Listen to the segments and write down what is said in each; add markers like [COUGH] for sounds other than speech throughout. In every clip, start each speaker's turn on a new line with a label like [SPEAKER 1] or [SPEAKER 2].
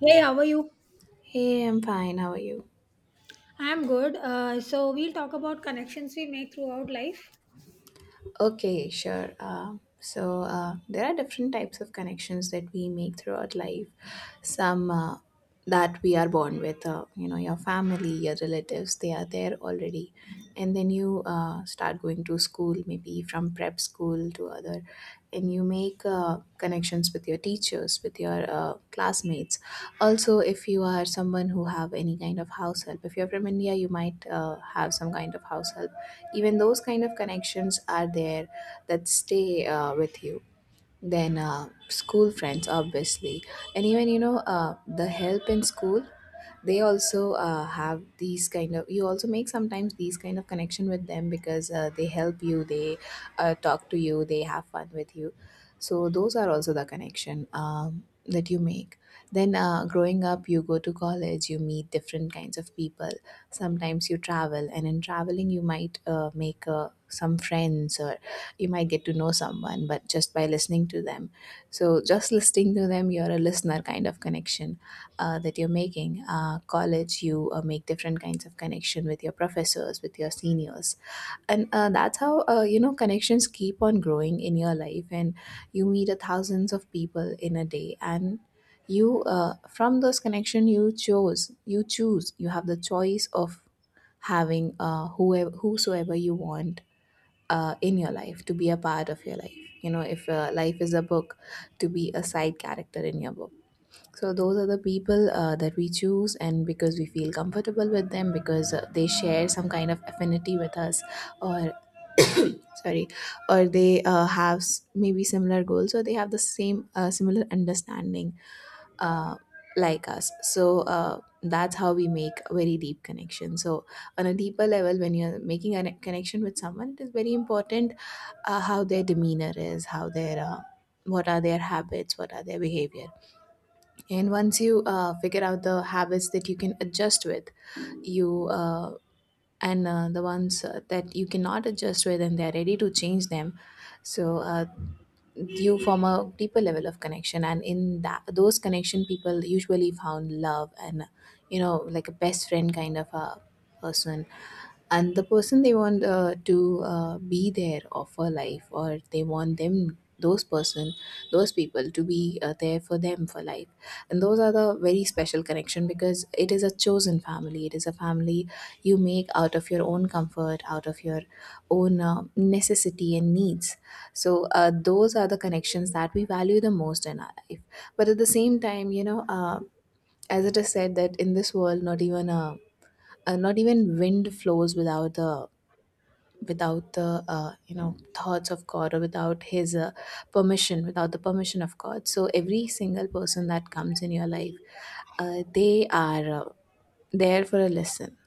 [SPEAKER 1] Hey, how are you?
[SPEAKER 2] Hey, I'm fine. How are you?
[SPEAKER 1] I'm good. So we'll talk about connections we make throughout life.
[SPEAKER 2] Okay, sure. So there are different types of connections that we make throughout life. Some that we are born with, your family, your relatives, they are there already. And then you start going to school, maybe from prep school to other, and you make connections with your teachers, with your classmates. Also, if you are someone who have any kind of house help, if you're from India, you might have some kind of house help. Even those kind of connections are there, that stay with you. Then school friends, obviously. And even the help in school, they also have these kind of — you also make sometimes these kind of connection with them, because they help you, they talk to you, they have fun with you. So those are also the connection that you make. Then growing up, you go to college, you meet different kinds of people. Sometimes you travel, and in traveling you might make some friends, or you might get to know someone but just by listening to them. So just listening to them, you're a listener kind of connection that you're making. College, you make different kinds of connection with your professors, with your seniors. And that's how, connections keep on growing in your life, and you meet a thousands of people in a day. And you from those connection, you choose you have the choice of having whoever whosoever you want in your life, to be a part of your life. You know, if life is a book, to be a side character in your book. So those are the people that we choose, and because we feel comfortable with them, because they share some kind of affinity with us, or sorry, or they have, maybe, similar goals, or they have the same similar understanding uh, like us. So that's how we make a very deep connection. So on a deeper level, when you're making a connection with someone, it is very important how their demeanor is, how their what are their habits, what are their behavior. And once you figure out the habits that you can adjust with, you and the ones that you cannot adjust with, and they are ready to change them. So you form a deeper level of connection, and in that those connection, people usually found love and, you know, like a best friend kind of a person. And the person they want to be there of a life, or they want them — those person, those people — to be there for them for life. And those are the very special connection, because it is a chosen family, it is a family you make out of your own comfort, out of your own necessity and needs. So those are the connections that we value the most in our life. But at the same time, as it is said that in this world, not even a not even wind flows without the — without the thoughts of god, or without his permission, without the permission of god. So every single person that comes in your life, they are there for a lesson.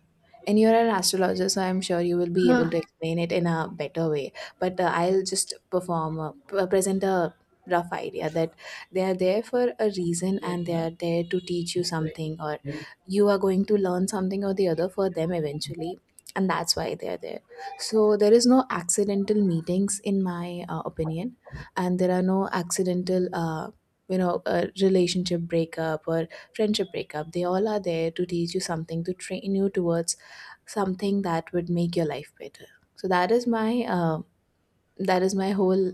[SPEAKER 2] And you're an astrologer, so I'm sure you will be able
[SPEAKER 1] Uh,
[SPEAKER 2] to explain it in a better way. But I'll just present a rough idea that they are there for a reason, and they are there to teach you something, or you are going to learn something or the other for them eventually. And that's why they are there. So there is no accidental meetings, in my opinion. And there are no accidental — a relationship breakup or friendship breakup. They all are there to teach you something, to train you towards something that would make your life better. So that is my whole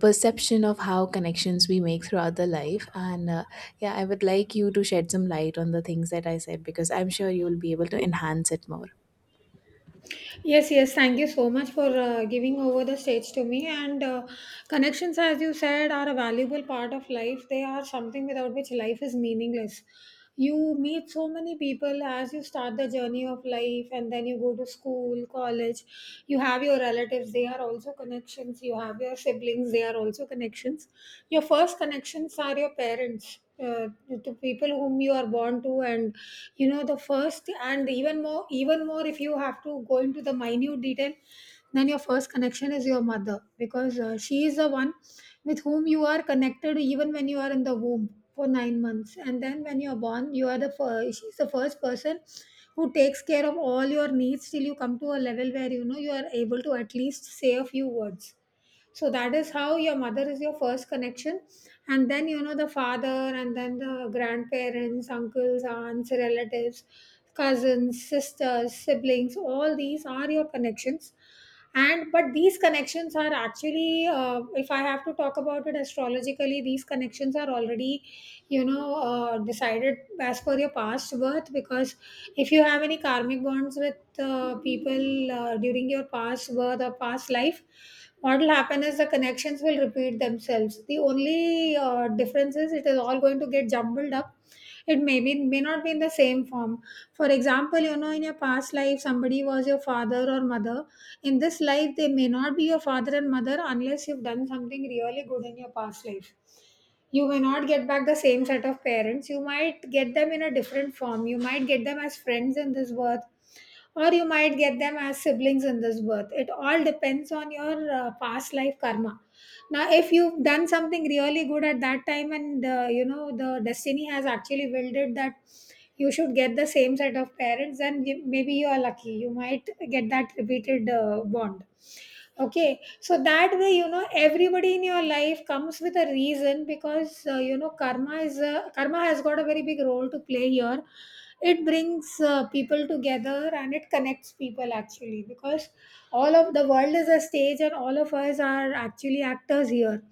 [SPEAKER 2] perception of how connections we make throughout the life. And yeah, I would like you to shed some light on the things that I said, because I'm sure you will be able to enhance it more.
[SPEAKER 1] yes. Thank you so much for giving over the stage to me. And Connections, as you said, are a valuable part of life. They are something without which life is meaningless. You meet so many people as you start the journey of life, and then you go to school, college. You have your relatives; they are also connections. You have your siblings; they are also connections. Your first connections are your parents, to people whom you are born to. And you know, the first, and even more, if you have to go into the minute detail, then your first connection is your mother, because she is the one with whom you are connected even when you are in the womb for 9 months. And then when you are born, you are the first she's the first person who takes care of all your needs, till you come to a level where, you know, you are able to at least say a few words. So that is how your mother is your first connection. And then, you know, the father, and then the grandparents, uncles, aunts, relatives, cousins, sisters, siblings, all these are your connections. And but these connections are actually, if I have to talk about it astrologically, these connections are already, you know, decided as per your past birth. Because if you have any karmic bonds with people during your past birth or past life, what will happen is the connections will repeat themselves. The only difference is it is all going to get jumbled up. It may be, may not be in the same form. For example, you know, in your past life, somebody was your father or mother. In this life, they may not be your father and mother, unless you've done something really good in your past life. You may not get back the same set of parents. You might get them in a different form. You might get them as friends in this birth, or you might get them as siblings in this birth. It all depends on your past life karma. Now, if you've done something really good at that time, and you know, the destiny has actually willed it that you should get the same set of parents, then maybe you are lucky, you might get that repeated bond. Okay, so that way, you know, everybody in your life comes with a reason, because you know, karma has got a very big role to play here. It brings people together, and it connects people actually, because all of the world is a stage, and all of us are actually actors here.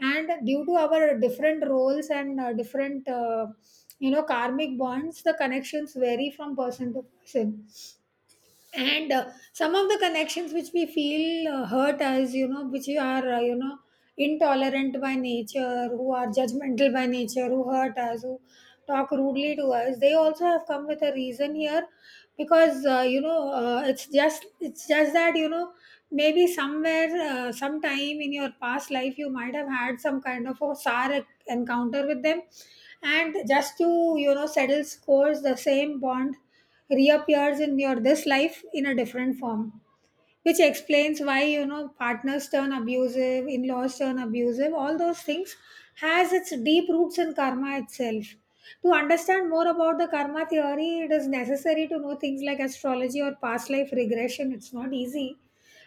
[SPEAKER 1] And due to our different roles, and different, you know, karmic bonds, the connections vary from person to person. And some of the connections which we feel hurt, as you know, which are, you know, intolerant by nature, who are judgmental by nature, who hurt us, who talk rudely to us, they also have come with a reason here. Because you know, it's just that, you know, maybe somewhere, sometime in your past life, you might have had some kind of a sour encounter with them. And just to, you know, settle scores, the same bond reappears in your this life in a different form. Which explains why, you know, partners turn abusive, in-laws turn abusive, all those things has its deep roots in karma itself. To understand more about the karma theory, it is necessary to know things like astrology or past life regression. It's not easy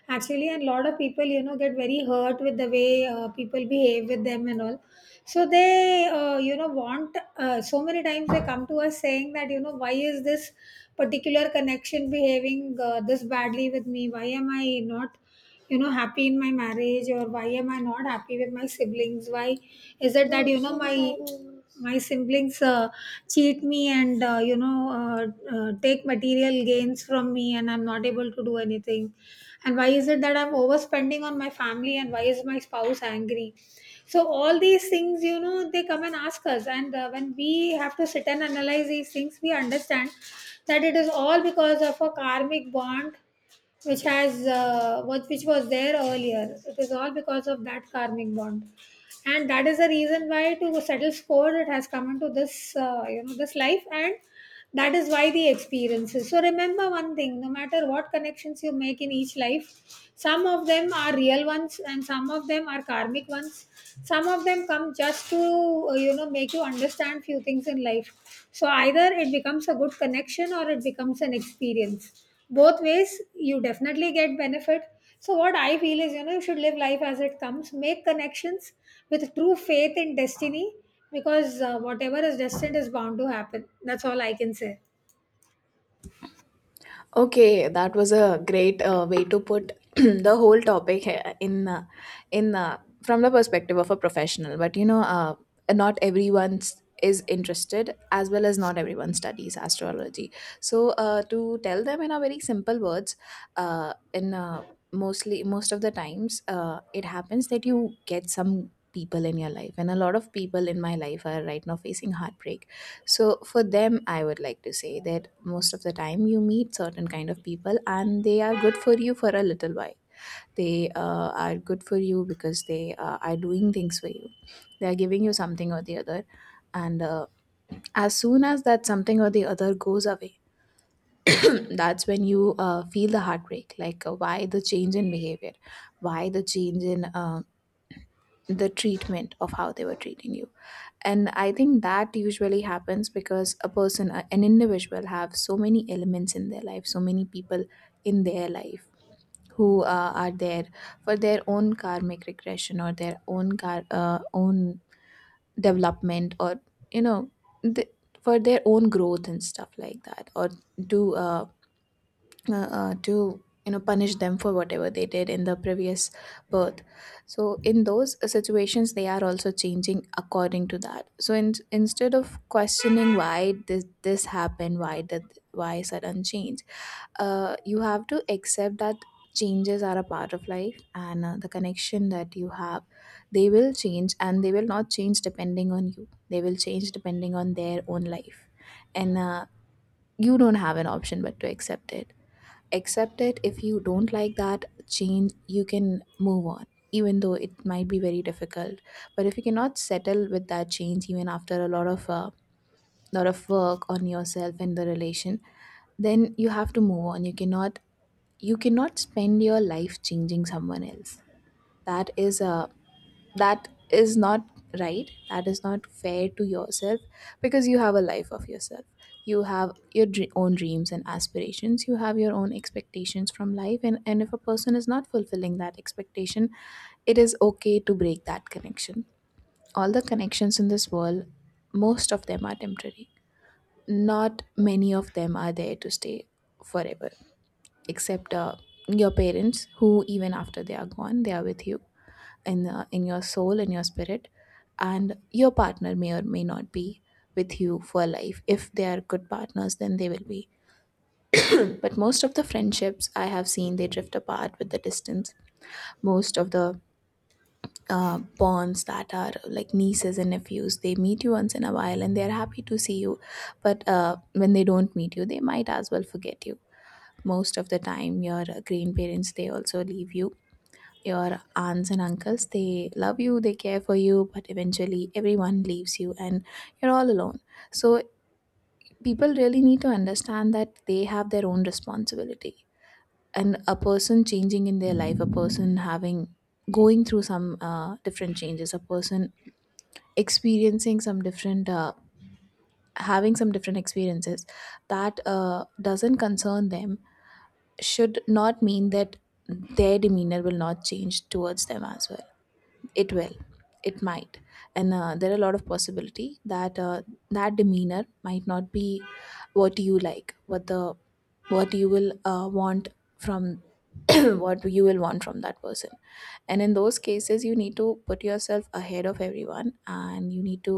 [SPEAKER 1] actually. And a lot of people, you know, get very hurt with the way people behave with them and all. So they, you know, want, so many times they come to us saying that, you know, why is this particular connection behaving this badly with me? Why am I not, you know, happy in my marriage? Or why am I not happy with my siblings? Why is it that, you know, my siblings cheat me, and you know, take material gains from me, and I'm not able to do anything? And why is it that I'm overspending on my family, and why is my spouse angry? So all these things, you know, they come and ask us, and when we have to sit and analyze these things, we understand that it is all because of a karmic bond, which has, what which was there earlier. It is all because of that karmic bond, and that is the reason why, to settle score, it has come into this, you know, this life. And that is why the experiences. So remember one thing: no matter what connections you make in each life, some of them are real ones, and some of them are karmic ones. Some of them come just to, you know, make you understand few things in life. So either it becomes a good connection, or it becomes an experience. Both ways, you definitely get benefit. So what I feel is, you know, you should live life as it comes. Make connections with true faith in destiny, because whatever is destined is bound to happen. That's all I can say.
[SPEAKER 2] Okay, that was a great way to put [CLEARS THROAT] the whole topic, he- in from the perspective of a professional. But, you know, not everyone's is interested, as well as not everyone studies astrology. So to tell them in a very simple words, in most of the times, it happens that you get some people in your life, and a lot of people in my life are right now facing heartbreak. So for them, I would like to say that most of the time you meet certain kind of people, and they are good for you for a little while. They are good for you because they are doing things for you, they are giving you something or the other. And as soon as that something or the other goes away, [CLEARS THROAT] that's when you feel the heartbreak, like, why the change in behavior, why the change in the treatment, of how they were treating you. And I think that usually happens because a person, an individual, have so many elements in their life, so many people in their life who are there for their own karmic regression, or their own car own development, or, you know, th- for their own growth and stuff like that, or to uh, to punish them for whatever they did in the previous birth. So in those situations, they are also changing according to that. So instead of questioning why this happened, why that, why sudden change, you have to accept that changes are a part of life. And the connection that you have, they will change and they will not change depending on you. They will change depending on their own life. And you don't have an option but to accept it. Accept it. If you don't like that change, you can move on, even though it might be very difficult. But if you cannot settle with that change, even after a lot of work on yourself and the relation, then you have to move on. You cannot — you cannot spend your life changing someone else. That is that is not right, that is not fair to yourself. Because you have a life of yourself, you have your own dreams and aspirations, you have your own expectations from life. And if a person is not fulfilling that expectation, it is okay to break that connection. All the connections in this world, most of them are temporary. Not many of them are there to stay forever, except your parents, who even after they are gone, they are with you in your soul, in your spirit. And your partner may or may not be with you for life. If they are good partners, then they will be. But most of the friendships I have seen, they drift apart with the distance. Most of the bonds that are like nieces and nephews, they meet you once in a while and they are happy to see you. But when they don't meet you, they might as well forget you. Most of the time your grandparents, they also leave you. Your aunts and uncles, they love you, they care for you, but eventually everyone leaves you and you're all alone. So people really need to understand that they have their own responsibility. And a person changing in their life, a person having — going through some different changes, a person experiencing some different having some different experiences that doesn't concern them, should not mean that their demeanor will not change towards them as well. It will. It might. And there are a lot of possibility that that demeanor might not be what you like, what the — what you will want from, [CLEARS THROAT] what you will want from that person. And in those cases, you need to put yourself ahead of everyone, and you need to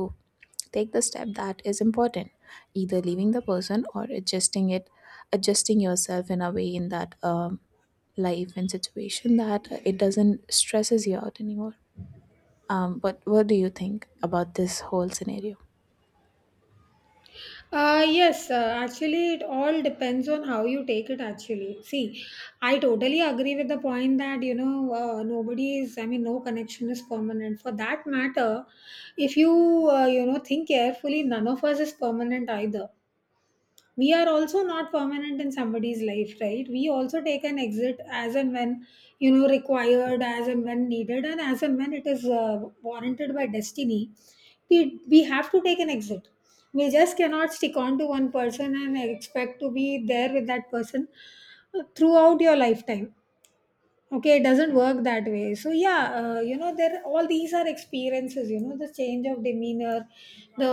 [SPEAKER 2] take the step that is important, either leaving the person or adjusting it, adjusting yourself in a way, in that life and situation, that it doesn't stresses you out anymore. But what do you think about this whole scenario?
[SPEAKER 1] Yes, actually, it all depends on how you take it. Actually, see, I totally agree with the point that, you know, nobody is, I mean, no connection is permanent. For that matter, if you, you know, think carefully, none of us is permanent either. We are also not permanent in somebody's life, right? We also take an exit as and when, you know, required, as and when needed, and as and when it is warranted by destiny, we have to take an exit. We just cannot stick on to one person and expect to be there with that person throughout your lifetime. Okay, it doesn't work that way. So yeah, you know, there, all these are experiences. You know, the change of demeanor, the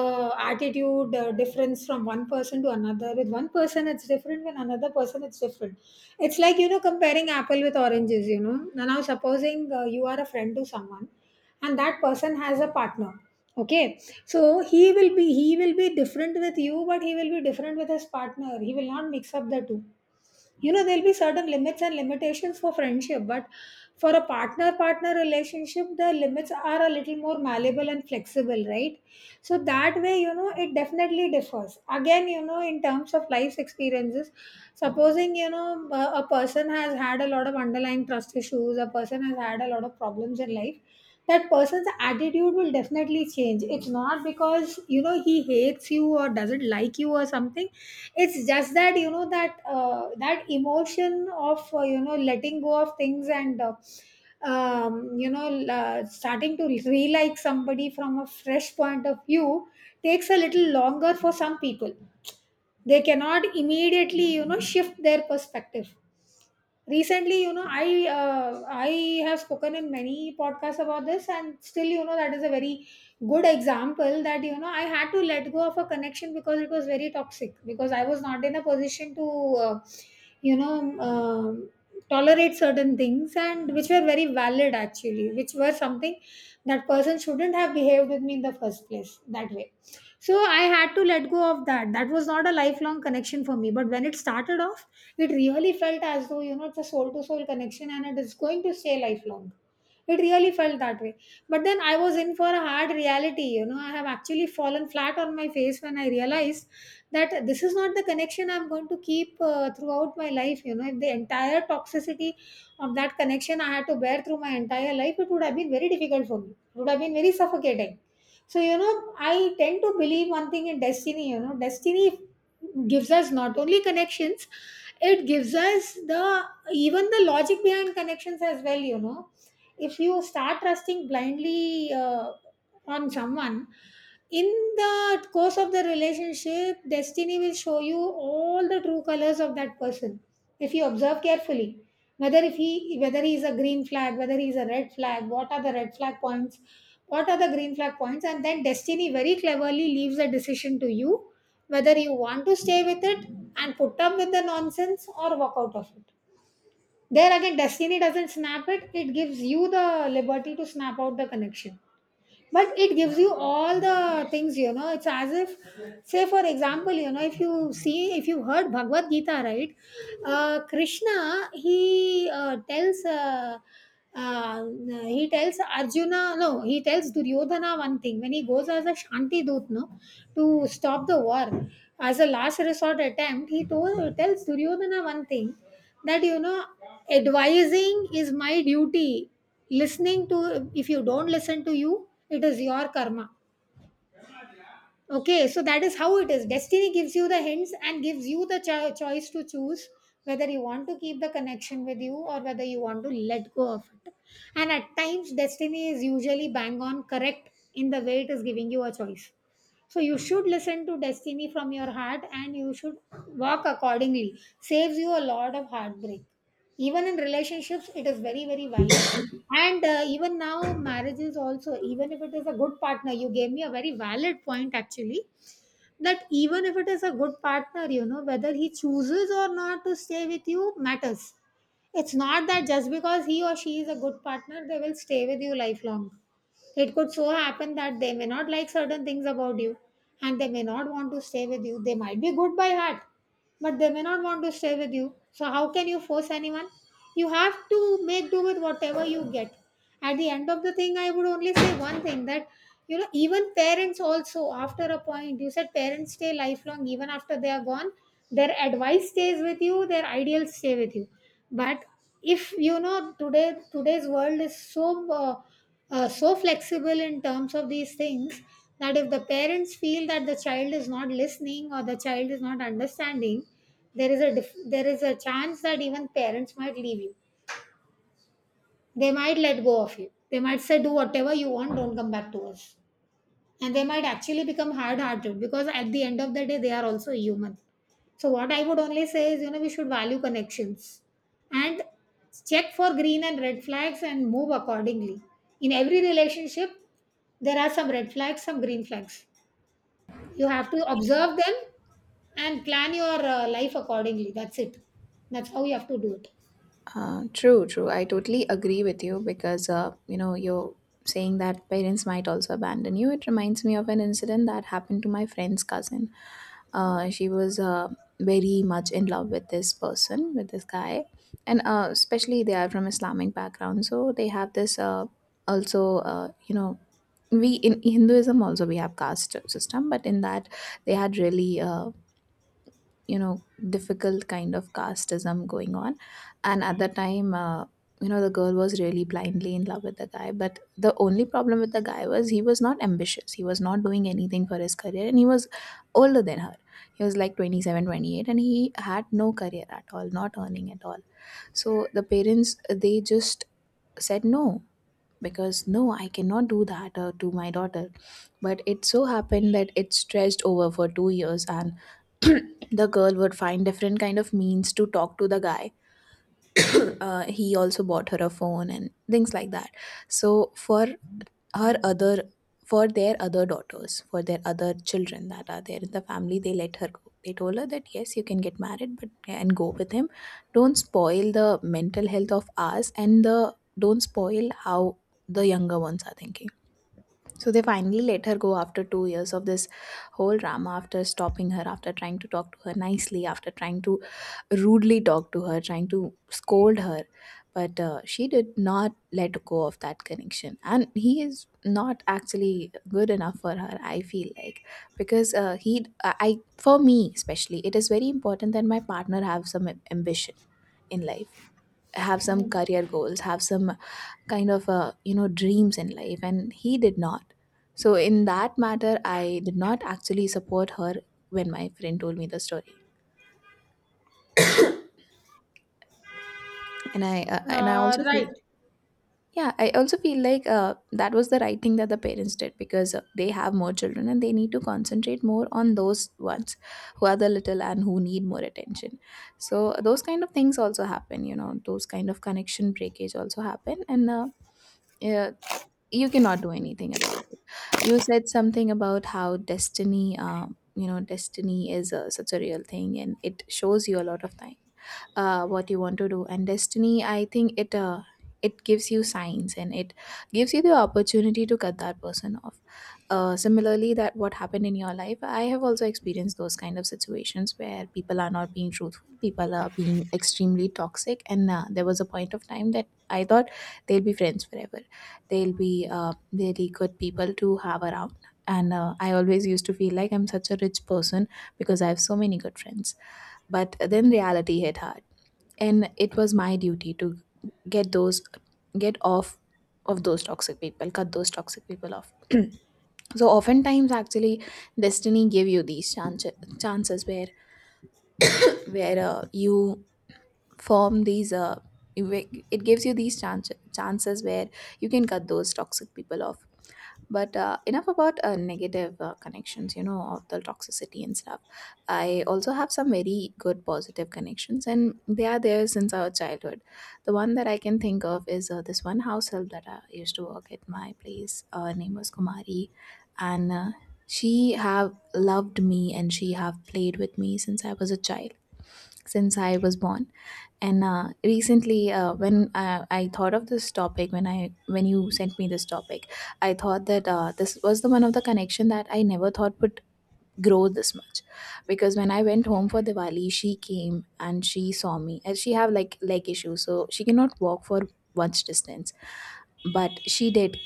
[SPEAKER 1] attitude, the difference from one person to another, with one person it's different, with another person it's different. It's like, you know, comparing apple with oranges, you know. Now supposing, you are a friend to someone, and that person has a partner. Okay, so he will be different with you, but he will be different with his partner. He will not mix up the two. You know, there'll be certain limits and limitations for friendship, but for a partner partner relationship, the limits are a little more malleable and flexible, right? So that way, you know, it definitely differs. Again, you know, in terms of life's experiences, supposing you know, a person has had a lot of underlying trust issues, a person has had a lot of problems in life, that person's attitude will definitely change. It's not because, you know, he hates you or doesn't like you or something. It's just that, you know, that that emotion of, you know, letting go of things, and you know, starting to re-like somebody from a fresh point of view takes a little longer for some people. They cannot immediately, you know, shift their perspective. Recently, you know, I have spoken in many podcasts about this, and still, you know, that is a very good example, that, you know, I had to let go of a connection, because it was very toxic, because I was not in a position to, you know, tolerate certain things, and which were very valid actually, which were something that person shouldn't have behaved with me in the first place that way. So I had to let go of that. That was not a lifelong connection for me, but when it started off, it really felt as though, you know, it's a soul to soul connection, and it is going to stay lifelong. It really felt that way. But then I was in for a hard reality. You know, I have actually fallen flat on my face when I realized that this is not the connection I'm going to keep throughout my life. You know, if the entire toxicity of that connection I had to bear through my entire life, it would have been very difficult for me, it would have been very suffocating. So, you know, I tend to believe one thing in destiny. You know, destiny gives us not only connections, it gives us the even the logic behind connections as well, you know. If you start trusting blindly on someone, in the course of the relationship, destiny will show you all the true colors of that person if you observe carefully, whether if he whether he is a green flag, whether he is a red flag, what are the red flag points, what are the green flag points. And then destiny very cleverly leaves a decision to you whether you want to stay with it and put up with the nonsense or walk out of it. There again, destiny doesn't snap it. Gives you the liberty to snap out the connection, but it gives you all the things. It's as if, say, for example, if you heard Bhagavad Gita, right? Krishna, uh, he tells Arjuna, no, he tells Duryodhana one thing when he goes as a Shanti Dut, no, to stop the war as a last resort attempt. He told tells Duryodhana one thing, that, advising is my duty. Listening to, if you don't listen to you, it is your karma. Okay, so that is how it is. Destiny gives you the hints and gives you the choice to choose whether you want to keep the connection with you or whether you want to let go of it. And at times, destiny is usually bang on correct in the way it is giving you a choice. So you should listen to destiny from your heart and you should walk accordingly. Saves you a lot of heartbreak. Even in relationships, it is very, very valid. And even now, marriage is also, even if it is a good partner, you gave me a very valid point actually, that even if it is a good partner, whether he chooses or not to stay with you matters. It's not that just because he or she is a good partner, they will stay with you lifelong. It could so happen that they may not like certain things about you, and they may not want to stay with you. They might be good by heart, but they may not want to stay with you. So, how can you force anyone? You have to make do with whatever you get. At the end of the thing, I would only say one thing, that, even parents also, after a point, you said parents stay lifelong, even after they are gone, their advice stays with you, their ideals stay with you. But if you know, today's world is so so flexible in terms of these things, that if the parents feel that the child is not listening or the child is not understanding, there is a chance that even parents might leave you. They might let go of you, they might say, do whatever you want, don't come back to us, and they might actually become hard hearted because at the end of the day they are also human. So what I would only say is, we should value connections and check for green and red flags and move accordingly. In every relationship there are some red flags, some green flags. You have to observe them and plan your life accordingly. That's it. That's how you have to do it.
[SPEAKER 2] True, true. I totally agree with you because, you know, you're saying that parents might also abandon you. It reminds me of an incident that happened to my friend's cousin. She was very much in love with this person, with this guy. And especially they are from Islamic background. So they have this also, we in Hinduism also we have caste system, but in that they had really you know difficult kind of casteism going on. And at the time the girl was really blindly in love with the guy, but the only problem with the guy was he was not ambitious, he was not doing anything for his career, and he was older than her. He was like 27, 28, and he had no career at all, not earning at all. So the parents they just said no, because no, I cannot do that to my daughter. But it so happened that it stretched over for 2 years, and [CLEARS THROAT] the girl would find different kind of means to talk to the guy. He also bought her a phone and things like that. So for her other for their other daughters, for their other children that are there in the family, they let her go. They told her that yes, you can get married but yeah, and go with him. Don't spoil the mental health of us, and the don't spoil how the younger ones are thinking. So they finally let her go after 2 years of this whole drama, after stopping her, after trying to talk to her nicely, after trying to rudely talked to her, trying to scold her. But she did not let go of that connection. And he is not actually good enough for her, I feel like. Because for me especially, it is very important that my partner have some ambition in life, have some career goals, have some kind of dreams in life, and he did not. So in that matter I did not actually support her when my friend told me the story. And I also feel. Yeah, I also feel like that was the right thing that the parents did, because they have more children and they need to concentrate more on those ones who are the little and who need more attention. So those kind of things also happen, you know, those kind of connection breakage also happen, and yeah, you cannot do anything about it. You said something about how destiny, destiny is a, such a real thing, and it shows you a lot of time what you want to do. And destiny, I think it it gives you signs, and it gives you the opportunity to cut that person off. Similarly that what happened in your life, I have also experienced those kind of situations where people are not being truthful, people are being extremely toxic. And there was a point of time that I thought they'll be friends forever, they'll be really good people to have around. And I always used to feel like I'm such a rich person because I have so many good friends. But then reality hit hard, and it was my duty to get those get off of those toxic people, cut those toxic people off. [CLEARS THROAT] So oftentimes actually destiny give you these chances, chances where you form these it gives you these chances where you can cut those toxic people off. But enough about negative connections, you know, of the toxicity and stuff. I also have some very good positive connections, and they are there since our childhood. The one that I can think of is this one house help that I used to work at my place. Her name was Kumari. And she have loved me and she have played with me since I was a child, since I was born. And recently, when I thought of this topic, when you sent me this topic, I thought that this was the one of the connection that I never thought would grow this much, because when I went home for Diwali, she came and she saw me, and she have like leg issues, so she cannot walk for much distance, but she did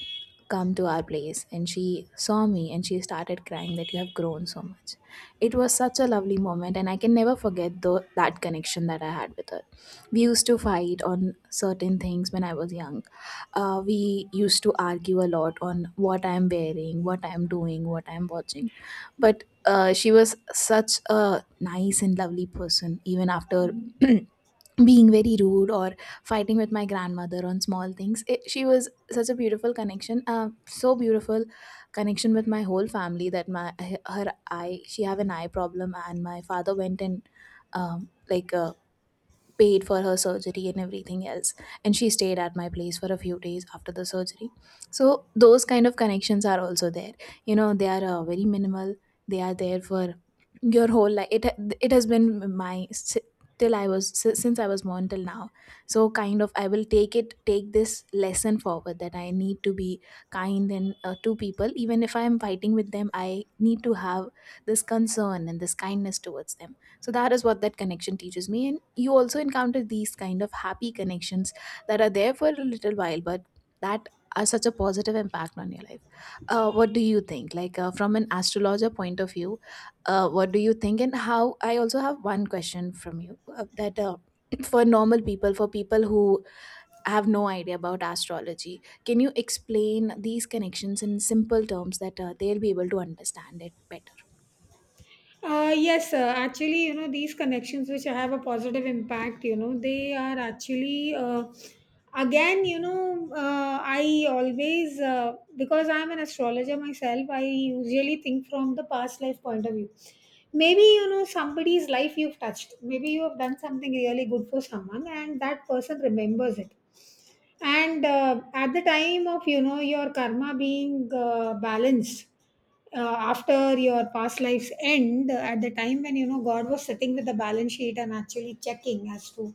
[SPEAKER 2] come to our place and she saw me and she started crying that you have grown so much. It was such a lovely moment, and I can never forget that connection that I had with her. We used to fight on certain things when I was young. We used to argue a lot on what I'm wearing, what I'm doing, what I'm watching. But she was such a nice and lovely person, even after [CLEARS THROAT] being very rude or fighting with my grandmother on small things, she was such a beautiful connection, so beautiful connection with my whole family that my her eye, she have an eye problem, and my father went and um, like uh, paid for her surgery and everything else, and she stayed at my place for a few days after the surgery. So those kind of connections are also there, you know. They are very minimal, they are there for your whole life. It has been my si- till I was since I was born till now. So kind of I will take this lesson forward, that I need to be kind and to people, even if I am fighting with them I need to have this concern and this kindness towards them. So that is what that connection teaches me, and you also encounter these kind of happy connections that are there for a little while, but that are such a positive impact on your life. What do you think, like from an astrologer point of view, what do you think? And how, I also have one question from you, that [CLEARS THROAT] for normal people, for people who have no idea about astrology, can you explain these connections in simple terms that they'll be able to understand it better?
[SPEAKER 1] Yes, actually, these connections which have a positive impact, they are actually, again, I always, because I'm an astrologer myself, I usually think from the past life point of view. Maybe, somebody's life you've touched, maybe you have done something really good for someone, and that person remembers it. And at the time of, your karma being balanced, after your past lives end, at the time when, god was sitting with the balance sheet and actually checking as to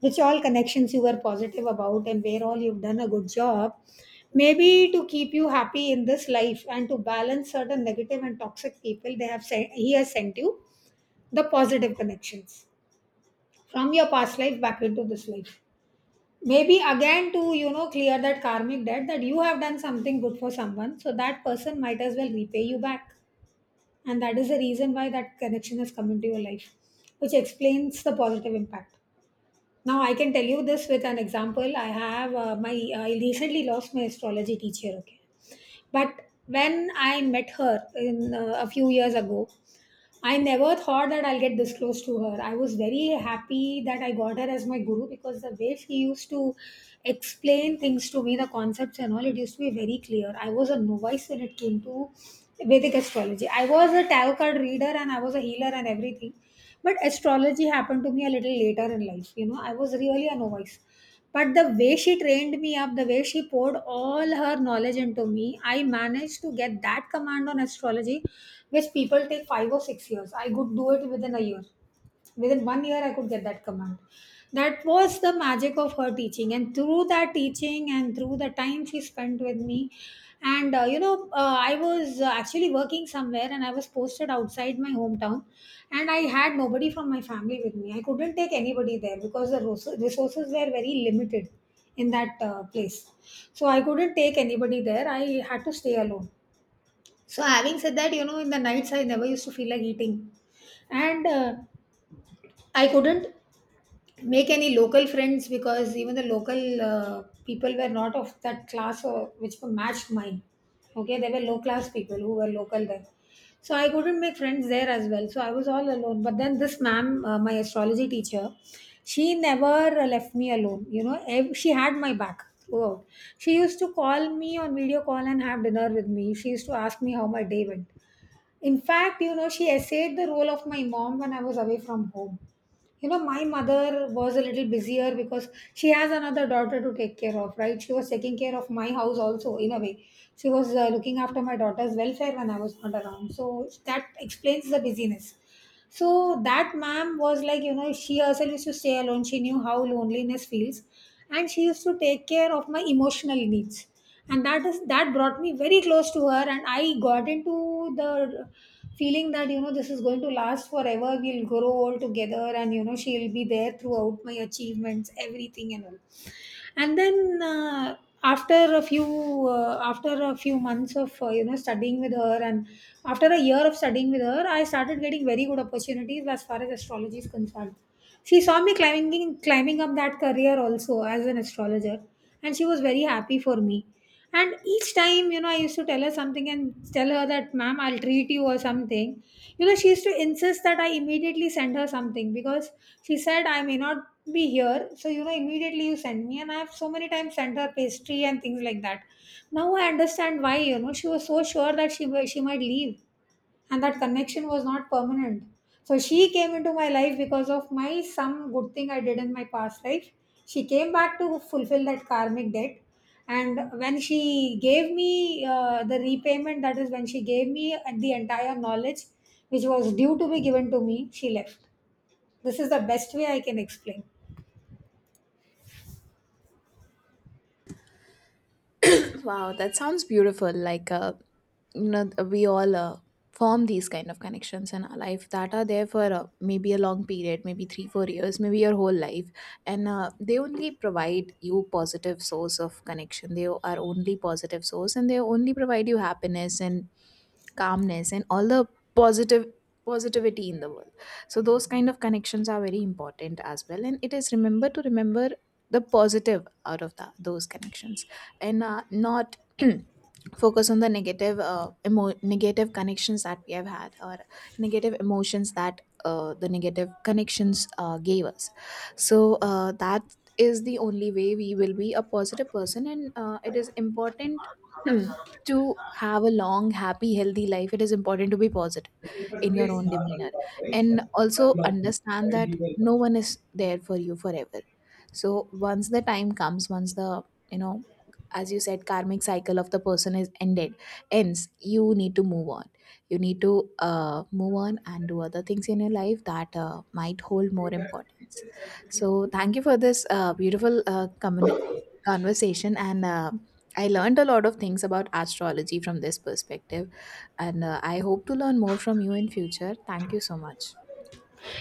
[SPEAKER 1] which all connections you were positive about and where all you've done a good job, maybe to keep you happy in this life and to balance certain negative and toxic people, they have sent he has sent you the positive connections from your past life back into this life. Maybe again to, clear that karmic debt, that you have done something good for someone so that person might as well repay you back. And that is the reason why that connection has come into your life, which explains the positive impact. Now I can tell you this with an example. I recently lost my astrology teacher, okay? But when I met her in, a few years ago, I never thought that I'll get this close to her. I was very happy that I got her as my guru because the way she used to explain things to me, the concepts and all, it used to be very clear. I was a novice when it came to Vedic astrology. I was a tarot card reader and I was a healer and everything. But astrology happened to me a little later in life. I was really a novice. But the way she trained me up, the way she poured all her knowledge into me, I managed to get that command on astrology, which people take 5 or 6 years. I could do it within a year. Within 1 year, I could get that command. That was the magic of her teaching. And through that teaching and through the time she spent with me, and I was actually working somewhere, and I was posted outside my hometown, and I had nobody from my family with me. I couldn't take anybody there because the resources were very limited in that place. So I couldn't take anybody there. I had to stay alone. So having said that, in the nights I never used to feel like eating, and I couldn't make any local friends because even the local people were not of that class, or which were matched mine. Okay, they were low class people who were local there, so I couldn't make friends there as well, so I was all alone. But then this ma'am, my astrology teacher, she never left me alone. She had my back throughout. She used to call me on video call and have dinner with me. She used to ask me how my day went. In fact, she essayed the role of my mom when I was away from home. My mother was a little busier because she has another daughter to take care of, right? She was taking care of my house also, in a way. She was looking after my daughter's welfare when I was not around. So that explains the busyness. So that ma'am was like, she herself used to stay alone. She knew how loneliness feels. And she used to take care of my emotional needs. And that brought me very close to her. And I got into the feeling that, this is going to last forever. We'll grow all together, and she'll be there throughout my achievements, everything and all. And then after a few months of, studying with her, and after a year of studying with her, I started getting very good opportunities as far as astrology is concerned. She saw me climbing up that career also as an astrologer. And she was very happy for me. And each time, I used to tell her something and tell her that, ma'am, I'll treat you or something. She used to insist that I immediately send her something because she said I may not be here. So, immediately you send me. And I have so many times sent her pastry and things like that. Now I understand why, she was so sure that she might leave and that connection was not permanent. So she came into my life because of my some good thing I did in my past life. She came back to fulfill that karmic debt, and when she gave me the repayment, that is when she gave me the entire knowledge which was due to be given to me, she left. This is the best way I can explain.
[SPEAKER 2] Wow, that sounds beautiful. Like, we all form these kind of connections in our life that are there for maybe a long period, maybe three, 4 years, maybe your whole life. And they only provide you positive source of connection. They are only positive source and they only provide you happiness and calmness and all the positive positivity in the world. So those kind of connections are very important as well, and it is remember the positive out of those connections. And not [CLEARS THROAT] focus on the negative negative connections that we have had, or negative emotions that the negative connections gave us. So that is the only way we will be a positive person. And it is important [CLEARS THROAT] to have a long, happy, healthy life. It is important to be positive in your own demeanor, and also understand that no one is there for you forever. So once the time comes, once the, you know, as you said, karmic cycle of the person ends, you need to move on. You need to move on and do other things in your life that might hold more importance. So thank you for this beautiful communication conversation, and I learned a lot of things about astrology from this perspective. And I hope to learn more from you in future. Thank you so much.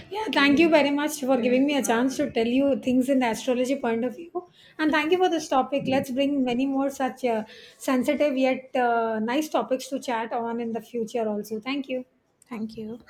[SPEAKER 1] Yeah, thank you very much for giving me a chance to tell you things in the astrology point of view. And thank you for this topic. Let's bring many more such sensitive yet nice topics to chat on in the future also. Thank you.
[SPEAKER 2] Thank you.